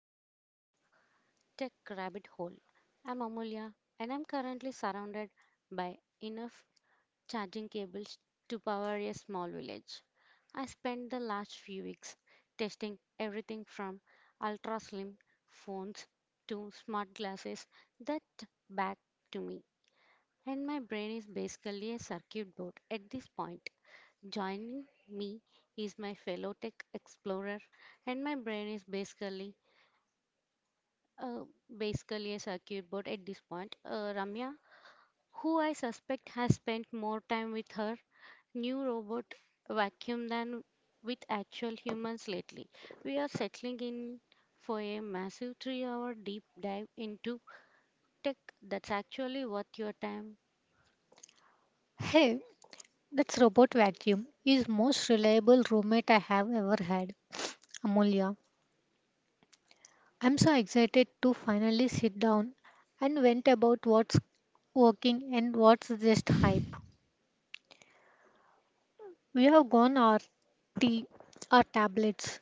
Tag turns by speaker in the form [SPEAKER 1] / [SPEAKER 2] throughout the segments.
[SPEAKER 1] episode of the Tech Rabbit Hole. I'm Amulya and I'm currently surrounded by enough charging cables to power a small village. I spent the last few weeks testing everything from ultra slim phones to smart glasses that back to me. And my brain is basically a circuit board at this point. Joining me is my fellow tech explorer, and my brain is basically uh, basically a circuit board at this point. Ramya, who I suspect has spent more time with her new robot vacuum than with actual humans lately. We are settling in for a massive three-hour deep dive into tech that's actually worth your time.
[SPEAKER 2] Hey, that's robot vacuum is most reliable roommate I have ever had, Amulya. I'm so excited to finally sit down and vent about what's working and what's just hype. We have gone our tea, our tablets,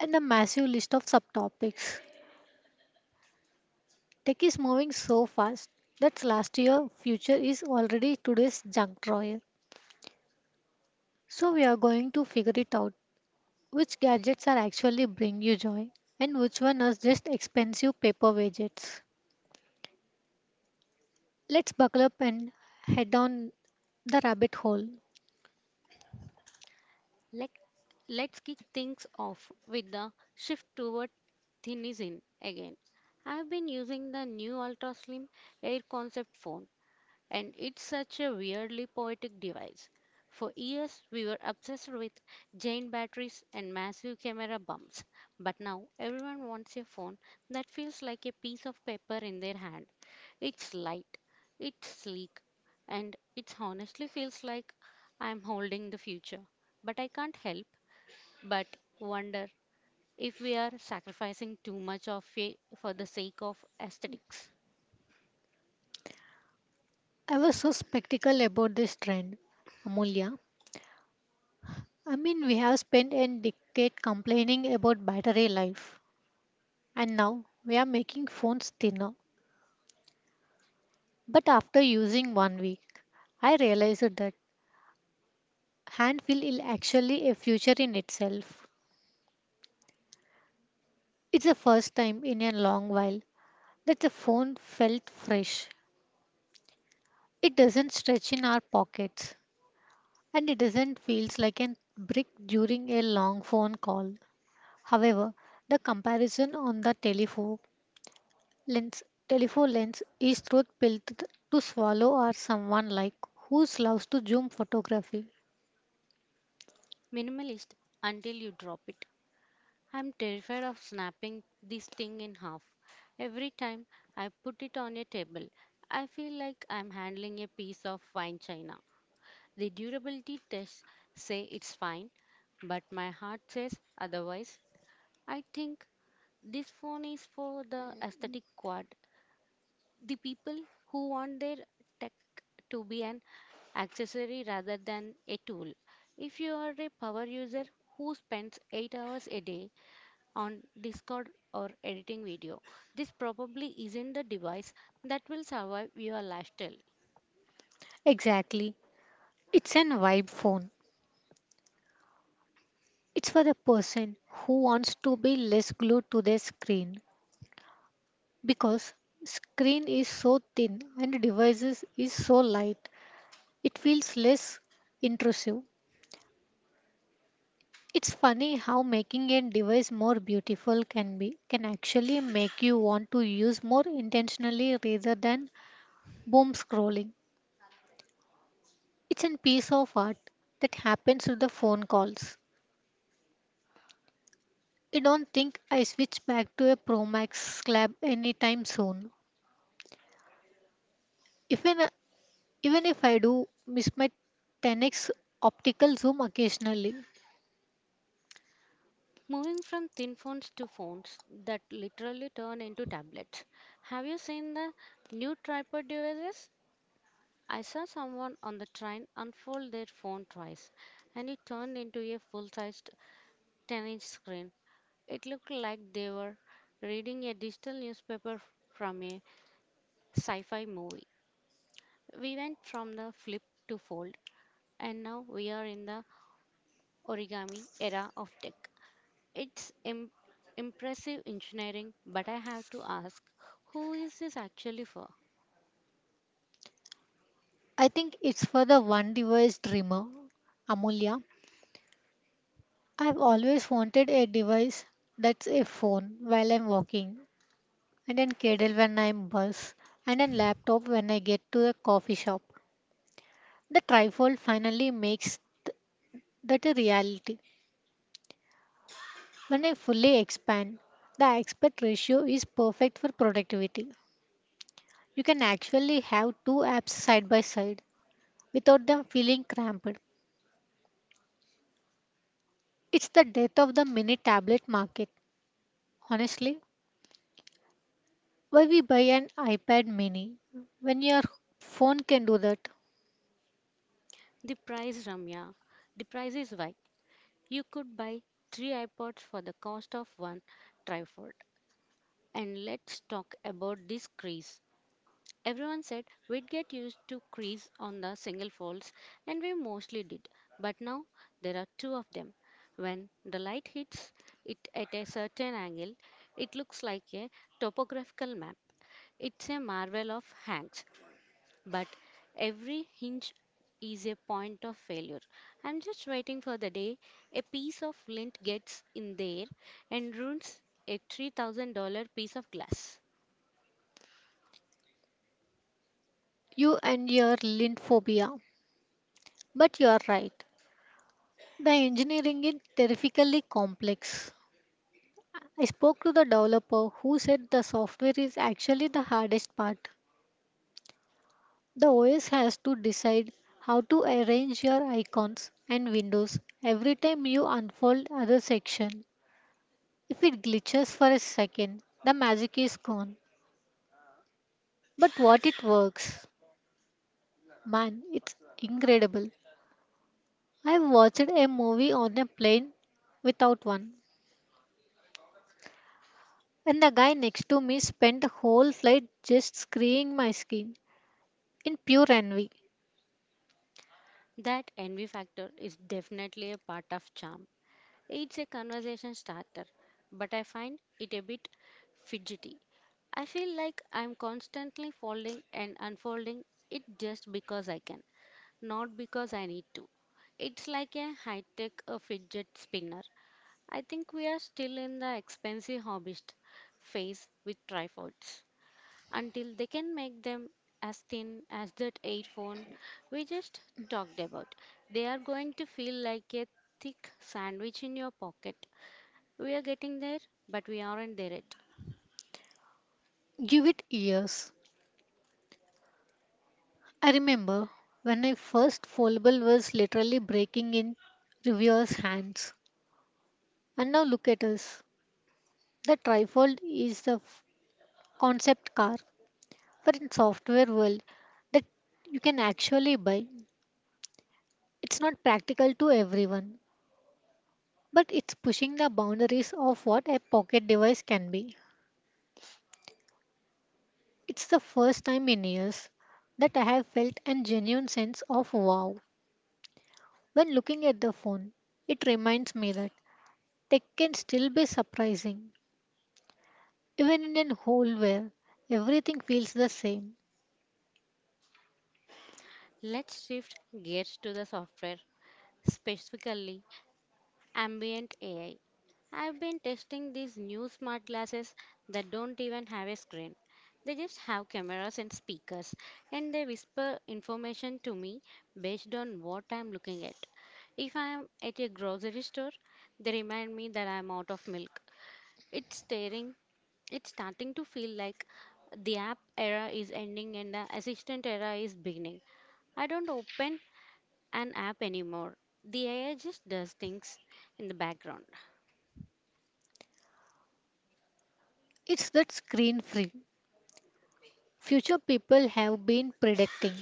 [SPEAKER 2] and a massive list of subtopics. Tech is moving so fast that last year future is already today's junk drawer. So we are going to figure it out. Which gadgets are actually bring you joy and which one is just expensive paper widgets? Let's buckle up and head down the rabbit hole.
[SPEAKER 1] Let, let's kick things off with the shift toward thin is in again. I've been using the new ultra slim air concept phone and it's such a weirdly poetic device. For years, we were obsessed with giant batteries and massive camera bumps, but now everyone wants a phone that feels like a piece of paper in their hand. It's light, it's sleek, and it honestly feels like I'm holding the future. But I can't help but wonder if we are sacrificing too much of it for the sake of aesthetics.
[SPEAKER 2] I was so skeptical about this trend, Amulya. I mean, we have spent a decade complaining about battery life, and now we are making phones thinner. But after using 1 week, I realized that hand feel is actually a future in itself. It's the first time in a long while that the phone felt fresh. It doesn't stretch in our pockets and it doesn't feels like a brick during a long phone call. However, the comparison on the lens telephone lens is truth pill to swallow or someone like who loves to zoom photography.
[SPEAKER 1] Minimalist until you drop it. I'm terrified of snapping this thing in half. Every time I put it on a table, I feel like I'm handling a piece of fine china. The durability tests say it's fine, but my heart says otherwise. I think this phone is for the aesthetic quad, the people who want their tech to be an accessory rather than a tool. If you are a power user who spends 8 hours a day on Discord or editing video. This probably isn't the device that will survive your lifestyle.
[SPEAKER 2] Exactly. It's an vibe phone. It's for the person who wants to be less glued to their screen because screen is so thin and devices is so light. It feels less intrusive. It's funny how making a device more beautiful can actually make you want to use more intentionally rather than boom scrolling. It's a piece of art that happens with the phone calls. I don't think I switch back to a Pro Max slab anytime soon. Even even if I do miss my 10x optical zoom occasionally,
[SPEAKER 1] Moving from thin phones to phones that literally turn into tablets. Have you seen the new tripod devices? I saw someone on the train unfold their phone twice and it turned into a full sized 10-inch screen. It looked like they were reading a digital newspaper from a sci fi movie. We went from the flip to fold and now we are in the origami era of tech. It's Im- Impressive engineering, but I have to ask who is this actually for?
[SPEAKER 2] I think it's for the one device dreamer, Amulya. I've always wanted a device that's a phone while I'm walking, and a Kindle when I'm bus, and a laptop when I get to a coffee shop. The trifold finally makes th- that a reality. When I fully expand, the aspect ratio is perfect for productivity. You can actually have two apps side by side without them feeling cramped. It's the death of the mini tablet market, honestly. Why we buy an iPad mini when your phone can do that?
[SPEAKER 1] The price, Ramya. The price is why you could buy three iPods for the cost of one tripod. And let's talk about this craze. Everyone said we'd get used to crease on the single folds, and we mostly did. But now there are two of them. When the light hits it at a certain angle, it looks like a topographical map. It's a marvel of hanks, but every hinge is a point of failure. I'm just waiting for the day a piece of lint gets in there and ruins a $3,000 piece of glass.
[SPEAKER 2] You and your lint phobia. But you are right. The engineering is terrifically complex. I spoke to the developer who said the software is actually the hardest part. The OS has to decide how to arrange your icons and windows every time you unfold other section. If it glitches for a second, the magic is gone. But what it works. Man, it's incredible. I watched a movie on a plane without one, and the guy next to me spent the whole flight just screwing my skin in pure envy.
[SPEAKER 1] That envy factor is definitely a part of charm. It's a conversation starter, but I find it a bit fidgety. I feel like I'm constantly folding and unfolding it just because I can, not because I need to. It's like a high tech fidget spinner. I think we are still in the expensive hobbyist phase with tripods until they can make them as thin as that phone we just talked about. They are going to feel like a thick sandwich in your pocket. We are getting there, but we aren't there yet.
[SPEAKER 2] Give it years. I remember when my first foldable was literally breaking in reviewers' hands. And now look at us. The trifold is the concept car, but in software world that you can actually buy. It's not practical to everyone, but it's pushing the boundaries of what a pocket device can be. It's the first time in years that I have felt a genuine sense of wow when looking at the phone. It reminds me that tech can still be surprising, even in a hole where everything feels the same.
[SPEAKER 1] Let's shift gears to the software, specifically Ambient AI. I've been testing these new smart glasses that don't even have a screen. They just have cameras and speakers, and they whisper information to me based on what I'm looking at. If I'm at a grocery store, they remind me that I'm out of milk. It's staring, it's starting to feel like the app era is ending and the assistant era is beginning. I don't open an app anymore. The AI just does things in the background.
[SPEAKER 2] It's that screen free. Future people have been predicting,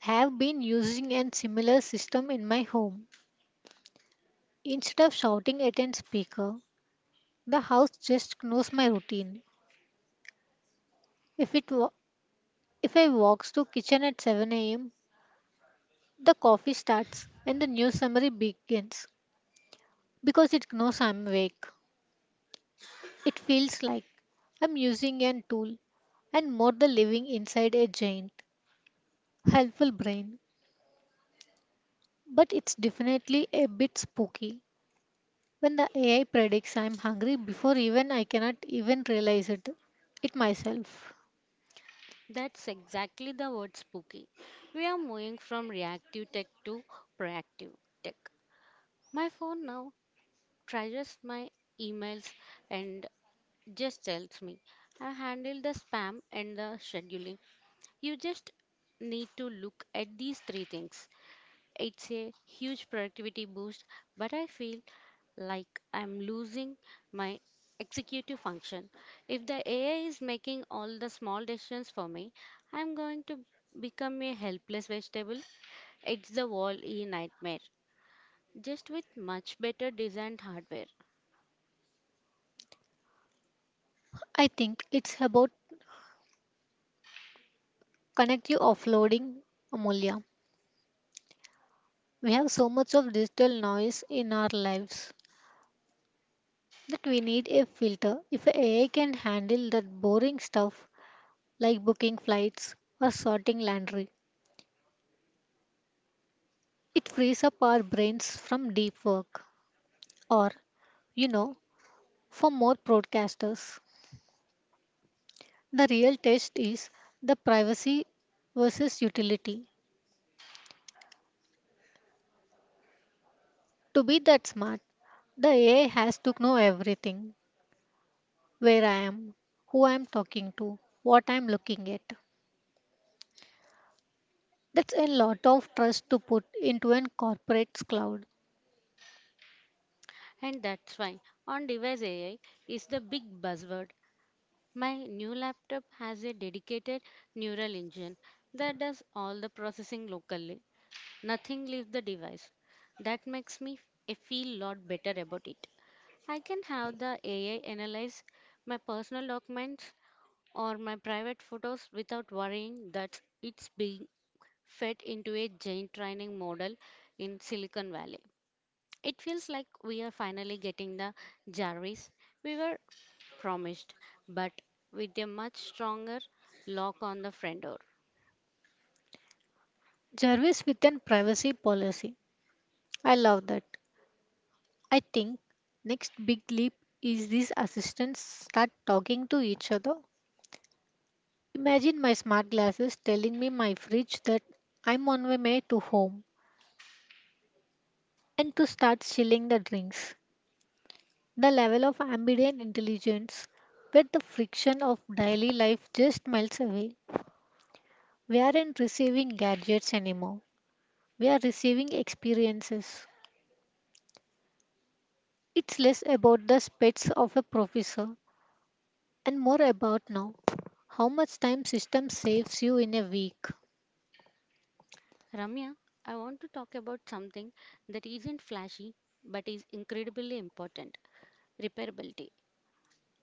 [SPEAKER 2] have been using a similar system in my home. Instead of shouting at a speaker, the house just knows my routine. If it wa- if I walks to kitchen at 7 a.m., the coffee starts and the news summary begins because it knows I'm awake. It feels like I'm using an tool and more the living inside a giant, helpful brain. But it's definitely a bit spooky when the AI predicts I'm hungry before even I cannot even realize it. It myself.
[SPEAKER 1] That's exactly the word spooky. We are moving from reactive tech to proactive tech. My phone now traces my emails and just tells me I handle the spam and the scheduling. You just need to look at these three things. It's a huge productivity boost, but I feel like I'm losing my executive function. If the AI is making all the small decisions for me, I'm going to become a helpless vegetable. It's the wall E nightmare, just with much better designed hardware.
[SPEAKER 2] I think it's about connect you offloading, Amulya. We have so much of digital noise in our lives that we need a filter. If AI can handle that boring stuff like booking flights or sorting laundry, it frees up our brains from deep work. Or, you know, for more broadcasters, the real test is the privacy versus utility. To be that smart, the AI has to know everything where I am, who I am talking to, what I am looking at. That's a lot of trust to put into an corporate's cloud.
[SPEAKER 1] And that's why on device AI is the big buzzword. My new laptop has a dedicated neural engine that does all the processing locally. Nothing leaves the device. That makes me f- I feel a lot better about it. I can have the AI analyze my personal documents or my private photos without worrying that it's being fed into a giant training model in Silicon Valley. It feels like we are finally getting the Jarvis we were promised, but with a much stronger lock on the front door.
[SPEAKER 2] Jarvis with an privacy policy. I love that. I think next big leap is these assistants start talking to each other. Imagine my smart glasses telling me my fridge that I'm on my way to home and to start chilling the drinks. The level of ambient intelligence where the friction of daily life just melts away. We aren't receiving gadgets anymore. We are receiving experiences. It's less about the specs of a professor and more about now how much time system saves you in a week.
[SPEAKER 1] Ramya, I want to talk about something that isn't flashy but is incredibly important repairability.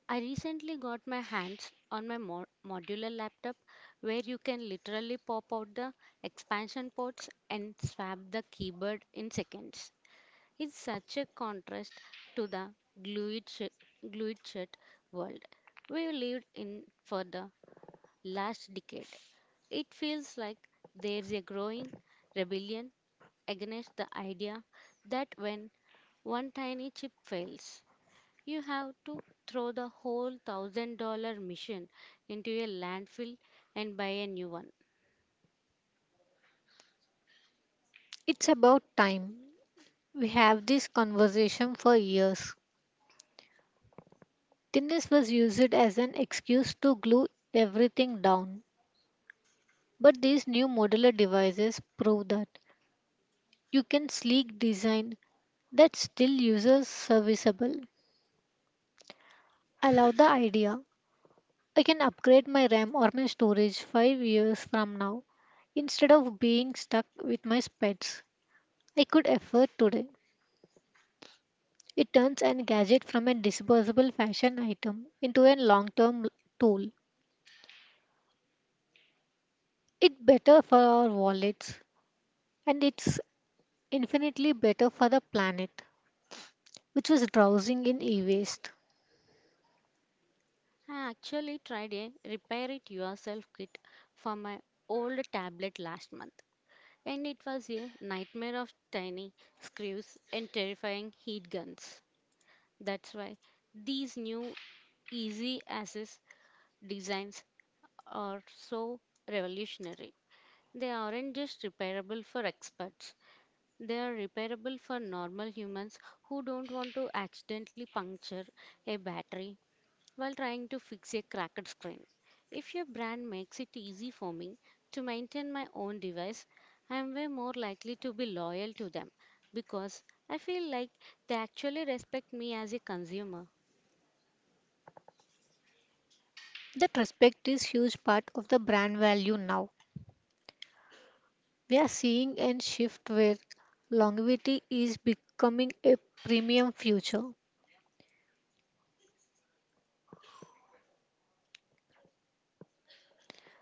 [SPEAKER 1] I recently got my hands on my modular laptop where you can literally pop out the expansion ports and swap the keyboard in seconds. It's such a contrast to the glued, sh- glued shut world we've lived in for the last decade. It feels like there's a growing rebellion against the idea that when one tiny chip fails, you have to throw the whole $1,000 mission into a landfill and buy a new one.
[SPEAKER 2] It's about time. We have this conversation for years. Thinness was used as an excuse to glue everything down. But these new modular devices prove that you can sleek design that still uses serviceable. I love the idea I can upgrade my RAM or my storage 5 years from now. Instead of being stuck with my specs, I could afford today. It turns an gadget from a disposable fashion item into a long term tool. It's better for our wallets, and it's infinitely better for the planet, which was drowsing in e waste.
[SPEAKER 1] I actually tried a repair it yourself kit for my old tablet last month, and it was a nightmare of tiny screws and terrifying heat guns. That's why these new easy access designs are so revolutionary. They aren't just repairable for experts. They are repairable for normal humans who don't want to accidentally puncture a battery while trying to fix a cracked screen. If your brand makes it easy for me to maintain my own device, I am way more likely to be loyal to them because I feel like they actually respect me as a consumer.
[SPEAKER 2] That respect is huge part of the brand value now. We are seeing a shift where longevity is becoming a premium future.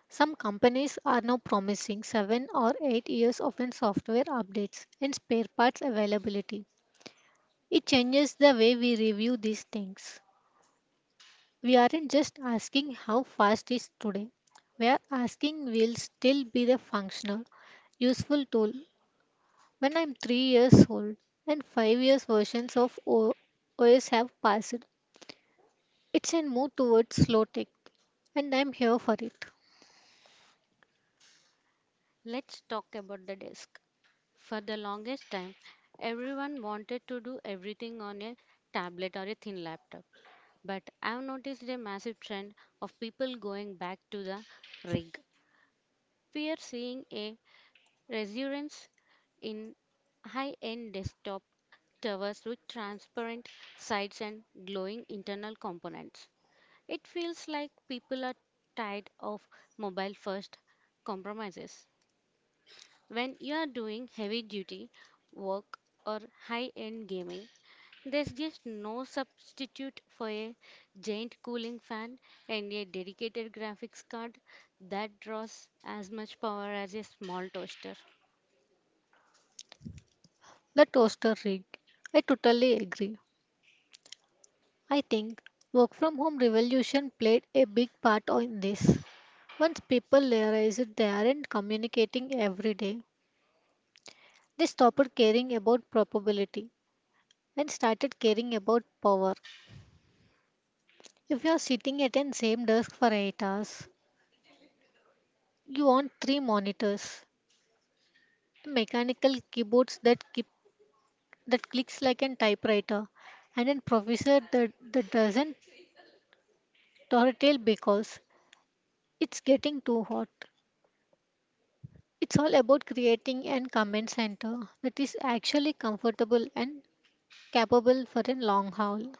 [SPEAKER 2] Some companies are now promising 7 or 8 years of in software updates and spare parts availability. It changes the way we review these things. We aren't just asking how fast is today. We are asking will still be the functional, useful tool when I'm 3 years old and 5 years versions of OS have passed. It's a move towards slow tech and I'm here for it.
[SPEAKER 1] Let's talk about the disk. For the longest time, everyone wanted to do everything on a tablet or a thin laptop. But I've noticed a massive trend of people going back to the rig. We are seeing a resurgence in high end desktop towers with transparent sides and glowing internal components. It feels like people are tired of mobile first compromises. When you are doing heavy duty work or high end gaming, there's just no substitute for a giant cooling fan and a dedicated graphics card that draws as much power as a small toaster.
[SPEAKER 2] The toaster rig. I totally agree. I think work from home revolution played a big part in this. Once people realize that they aren't communicating every day, they stopped caring about probability and started caring about power. If you are sitting at an same desk for 8 hours, you want three monitors, mechanical keyboards that keep that clicks like a typewriter, and a professor that doesn't tail because it's getting too hot. It's all about creating an comment center that is actually comfortable and capable for a long haul.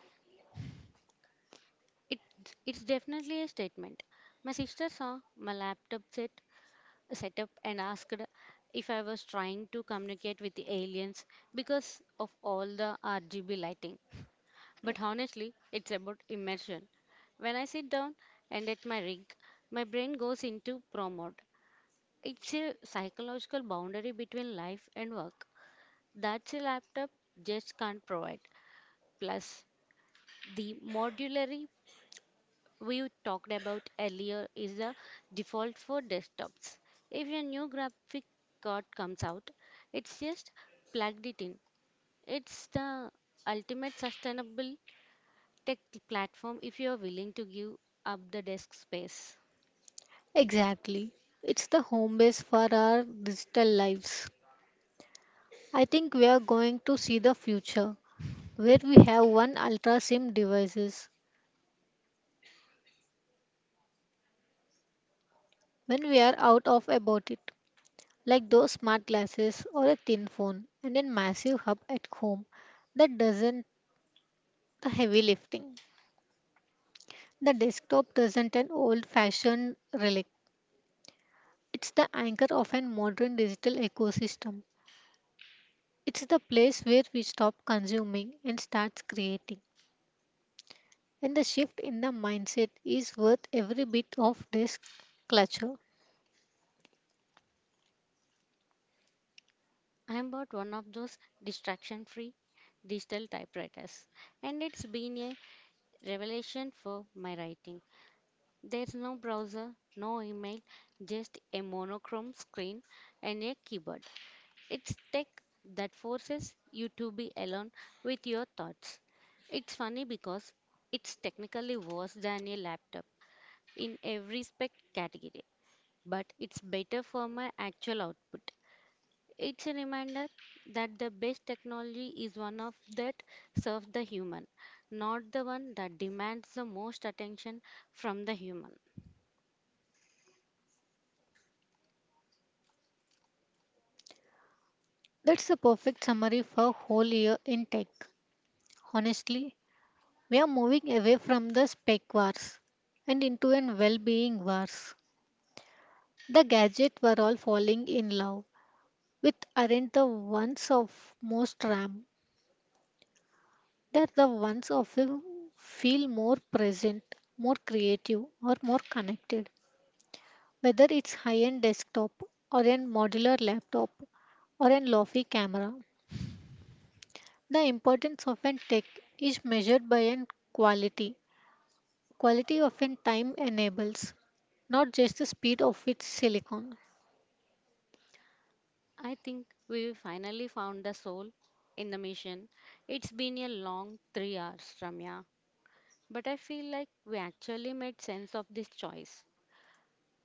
[SPEAKER 1] It, it's definitely a statement. My sister saw my laptop set up and asked if I was trying to communicate with the aliens because of all the RGB lighting. But honestly, it's about immersion. When I sit down and at my rig, my brain goes into pro mode. It's a psychological boundary between life and work that a laptop just can't provide. Plus, the modularity we talked about earlier is the default for desktops. If a new graphic card comes out, it's just plugged it in. It's the ultimate sustainable tech platform if you are willing to give up the desk space.
[SPEAKER 2] Exactly. It's the home base for our digital lives. I think we are going to see the future where we have one ultra sim devices when we are out of about it like those smart glasses or a thin phone and a massive hub at home that doesn't the heavy lifting. The desktop doesn't an old fashioned relic. It's the anchor of a modern digital ecosystem. It's the place where we stop consuming and start creating. And the shift in the mindset is worth every bit of this clutter.
[SPEAKER 1] I bought one of those distraction free digital typewriters and it's been a revelation for my writing. There's no browser, no email, just a monochrome screen and a keyboard. It's tech that forces you to be alone with your thoughts. It's funny because it's technically worse than a laptop in every spec category, but it's better for my actual output. It's a reminder that the best technology is one of that serves the human, not the one that demands the most attention from the human.
[SPEAKER 2] That's the perfect summary for whole year in tech. Honestly, we are moving away from the spec wars and into an well-being wars. The gadgets were all falling in love with aren't the ones of most RAM. That the ones often feel more present, more creative, or more connected. Whether it's high end desktop, or a modular laptop, or a lofty camera, the importance of an tech is measured by an quality. Quality of an time enables, not just the speed of its silicon.
[SPEAKER 1] I think we finally found the soul in the mission. It's been a long 3 hours, Ramya. But I feel like we actually made sense of this choice.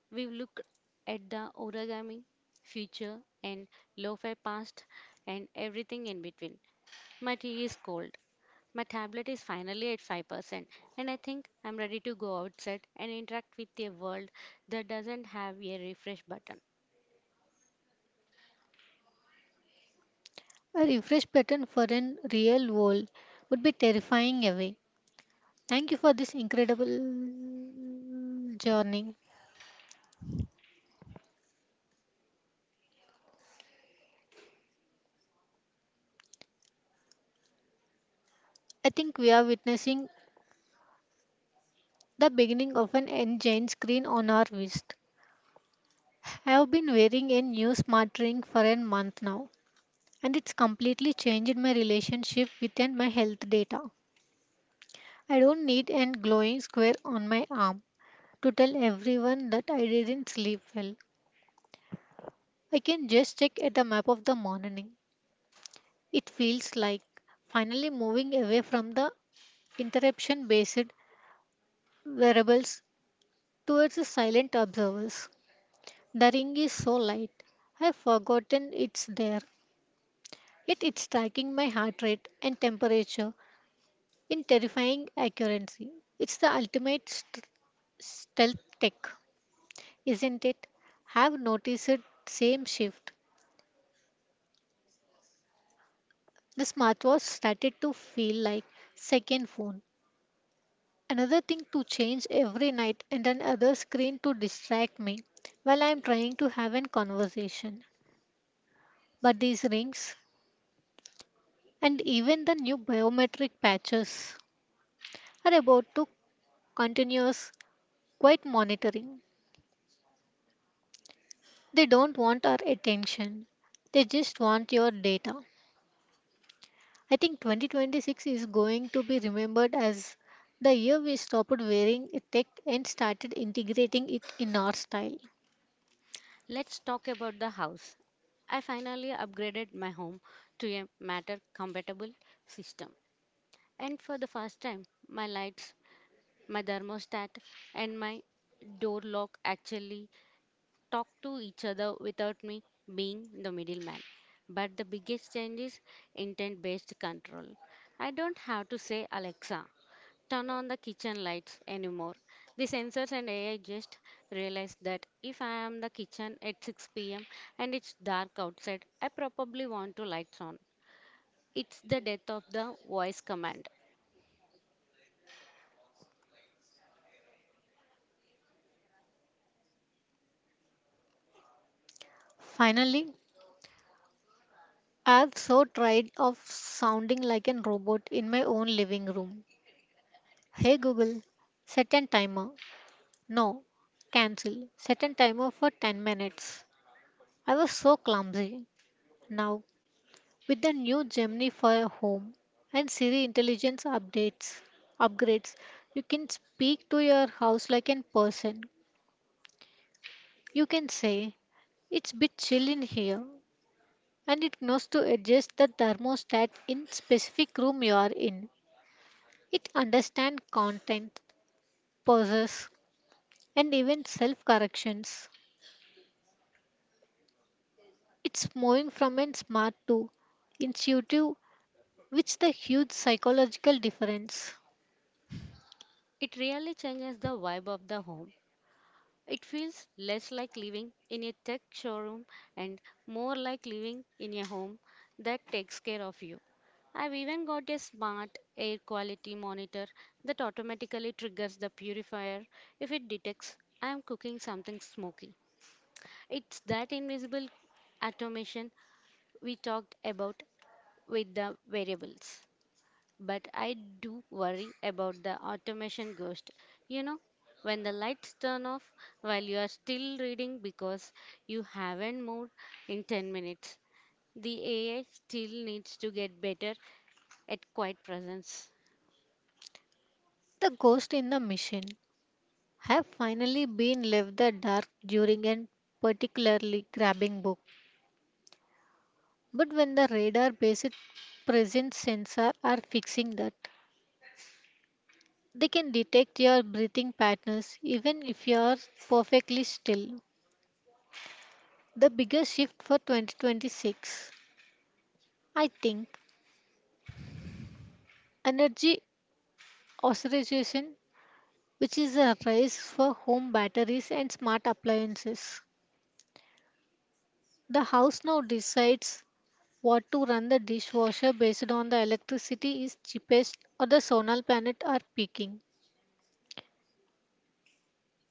[SPEAKER 1] We've looked at the origami, future, and lo fi past, and everything in between. My tea is cold, My tablet is finally at 5%, and I think I'm ready to go outside and interact with a world that doesn't have a refresh button.
[SPEAKER 2] A refresh pattern for an real world would be terrifying away. Thank you for this incredible journey. I think we are witnessing the beginning of an N giant screen on our wrist. I've been wearing a new smart ring for a month now, and it's completely changed my relationship with and my health data. I don't need a glowing square on my arm to tell everyone that I didn't sleep well. I can just check at the map of the morning. It feels like finally moving away from the interruption based wearables towards the silent observers. The ring is so light. I've forgotten it's there. Yet it's tracking my heart rate and temperature in terrifying accuracy. It's the ultimate stealth tech, isn't it? Have noticed it same shift. The smartwatch started to feel like second phone. Another thing to change every night and another screen to distract me while I'm trying to have a conversation. But these rings and even the new biometric patches are about to continuous quiet monitoring. They don't want our attention. They just want your data. I think 2026 is going to be remembered as the year we stopped wearing tech and started integrating it in our style.
[SPEAKER 1] Let's talk about the house. I finally upgraded my home to a matter compatible system. And for the first time, my lights, my thermostat, and my door lock actually talk to each other without me being the middleman. But the biggest change is intent based control. I don't have to say, Alexa, turn on the kitchen lights anymore. The sensors and AI just realize that if I am the kitchen at 6 p.m. and it's dark outside, I probably want to lights on. It's the death of the voice command.
[SPEAKER 2] Finally, I have so tried of sounding like an robot in my own living room. Hey Google, set a timer. No, cancel. Set a timer for 10 minutes. I was so clumsy. Now with the new Gemini for Home and Siri intelligence updates upgrades, you can speak to your house like a person. You can say, "It's bit chill in here," and it knows to adjust the thermostat in specific room you are in. It understands content, pauses, and even self-corrections. It's moving from a smart to intuitive, which the huge psychological difference.
[SPEAKER 1] It really changes the vibe of the home. It feels less like living in a tech showroom and more like living in a home that takes care of you. I've even got a smart air quality monitor that automatically triggers the purifier if it detects I am cooking something smoky. It's that invisible automation we talked about with the variables. But I do worry about the automation ghost. You know, when the lights turn off while you are still reading because you haven't moved in 10 minutes. The AI still needs to get better at quiet presence.
[SPEAKER 2] The ghost in the machine. Have finally been left the dark during an particularly grabbing book. But when the radar based presence sensor are fixing that, they can detect your breathing patterns even if you are perfectly still. The biggest shift for 2026, I think, energy authorization, which is a rise for home batteries and smart appliances. The house now decides what to run the dishwasher based on the electricity is cheapest or the solar planet are peaking.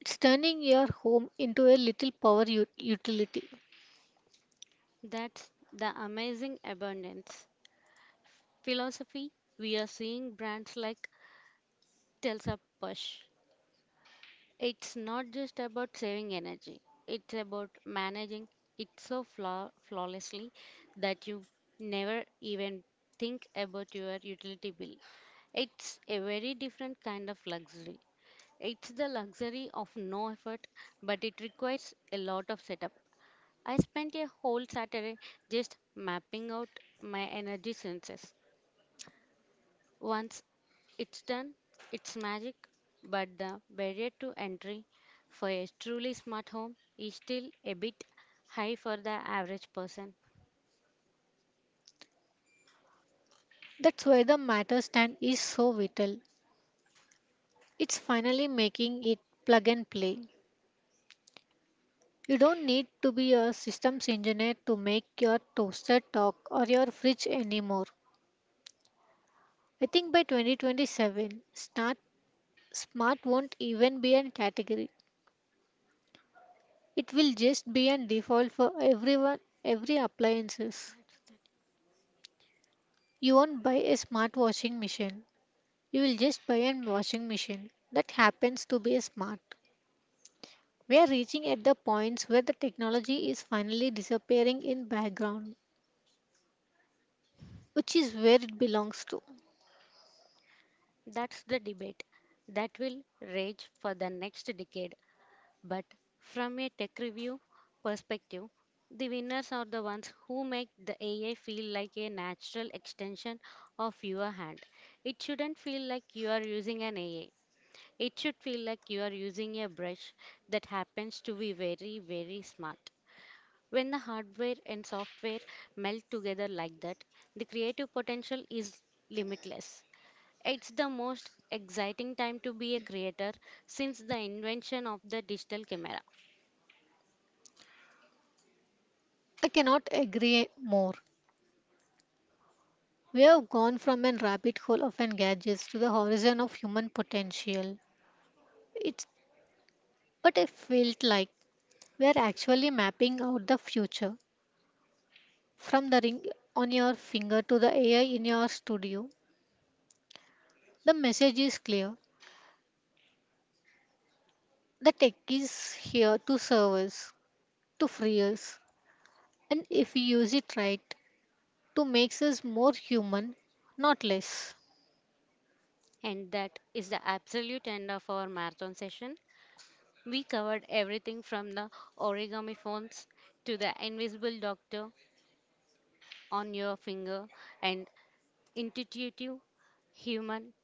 [SPEAKER 2] It's turning your home into a little power utility.
[SPEAKER 1] That's the amazing abundance philosophy we are seeing brands like Telsa push. It's not just about saving energy, it's about managing it so flawlessly that you never even think about your utility bill. It's a very different kind of luxury. It's the luxury of no effort, but it requires a lot of setup. I spent a whole Saturday just mapping out my energy senses. Once it's done, it's magic, but the barrier to entry for a truly smart home is still a bit high for the average person.
[SPEAKER 2] That's why the matter stand is so vital. It's finally making it plug and play. You don't need to be a systems engineer to make your toaster talk or your fridge anymore. I think by 2027, smart won't even be a category. It will just be an default for everyone, every appliances.
[SPEAKER 1] That's the
[SPEAKER 2] You won't buy a smart washing machine. You will just buy a washing machine that happens to be smart. We are reaching at the points where the technology is finally disappearing in background, which is where it belongs to.
[SPEAKER 1] That's the debate that will rage for the next decade. But from a tech review perspective, the winners are the ones who make the AI feel like a natural extension of your hand. It shouldn't feel like you are using an AI. It should feel like you are using a brush that happens to be very, very smart. When the hardware and software melt together like that, the creative potential is limitless. It's the most exciting time to be a creator since the invention of the digital camera.
[SPEAKER 2] I cannot agree more. We have gone from an rabbit hole of an gadgets to the horizon of human potential. It's but I felt like we are actually mapping out the future. From the ring on your finger to the AI in your studio, the message is clear. The tech is here to serve us, to free us, and if we use it right, to make us more human, not less.
[SPEAKER 1] And that is the absolute end of our marathon session. We covered everything from the origami phones to the invisible doctor on your finger and intuitive human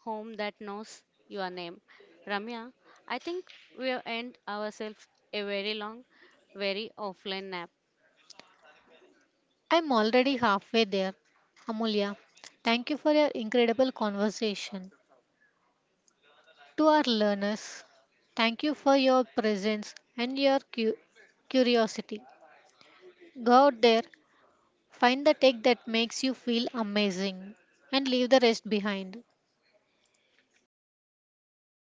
[SPEAKER 1] home that knows your name. Ramya, I think we'll end ourselves a very long, very offline nap.
[SPEAKER 2] I'm already halfway there. Amulya, thank you for your incredible conversation. To our learners, thank you for your presence and your curiosity. Go out there. Find the tech that makes you feel amazing and leave the rest behind.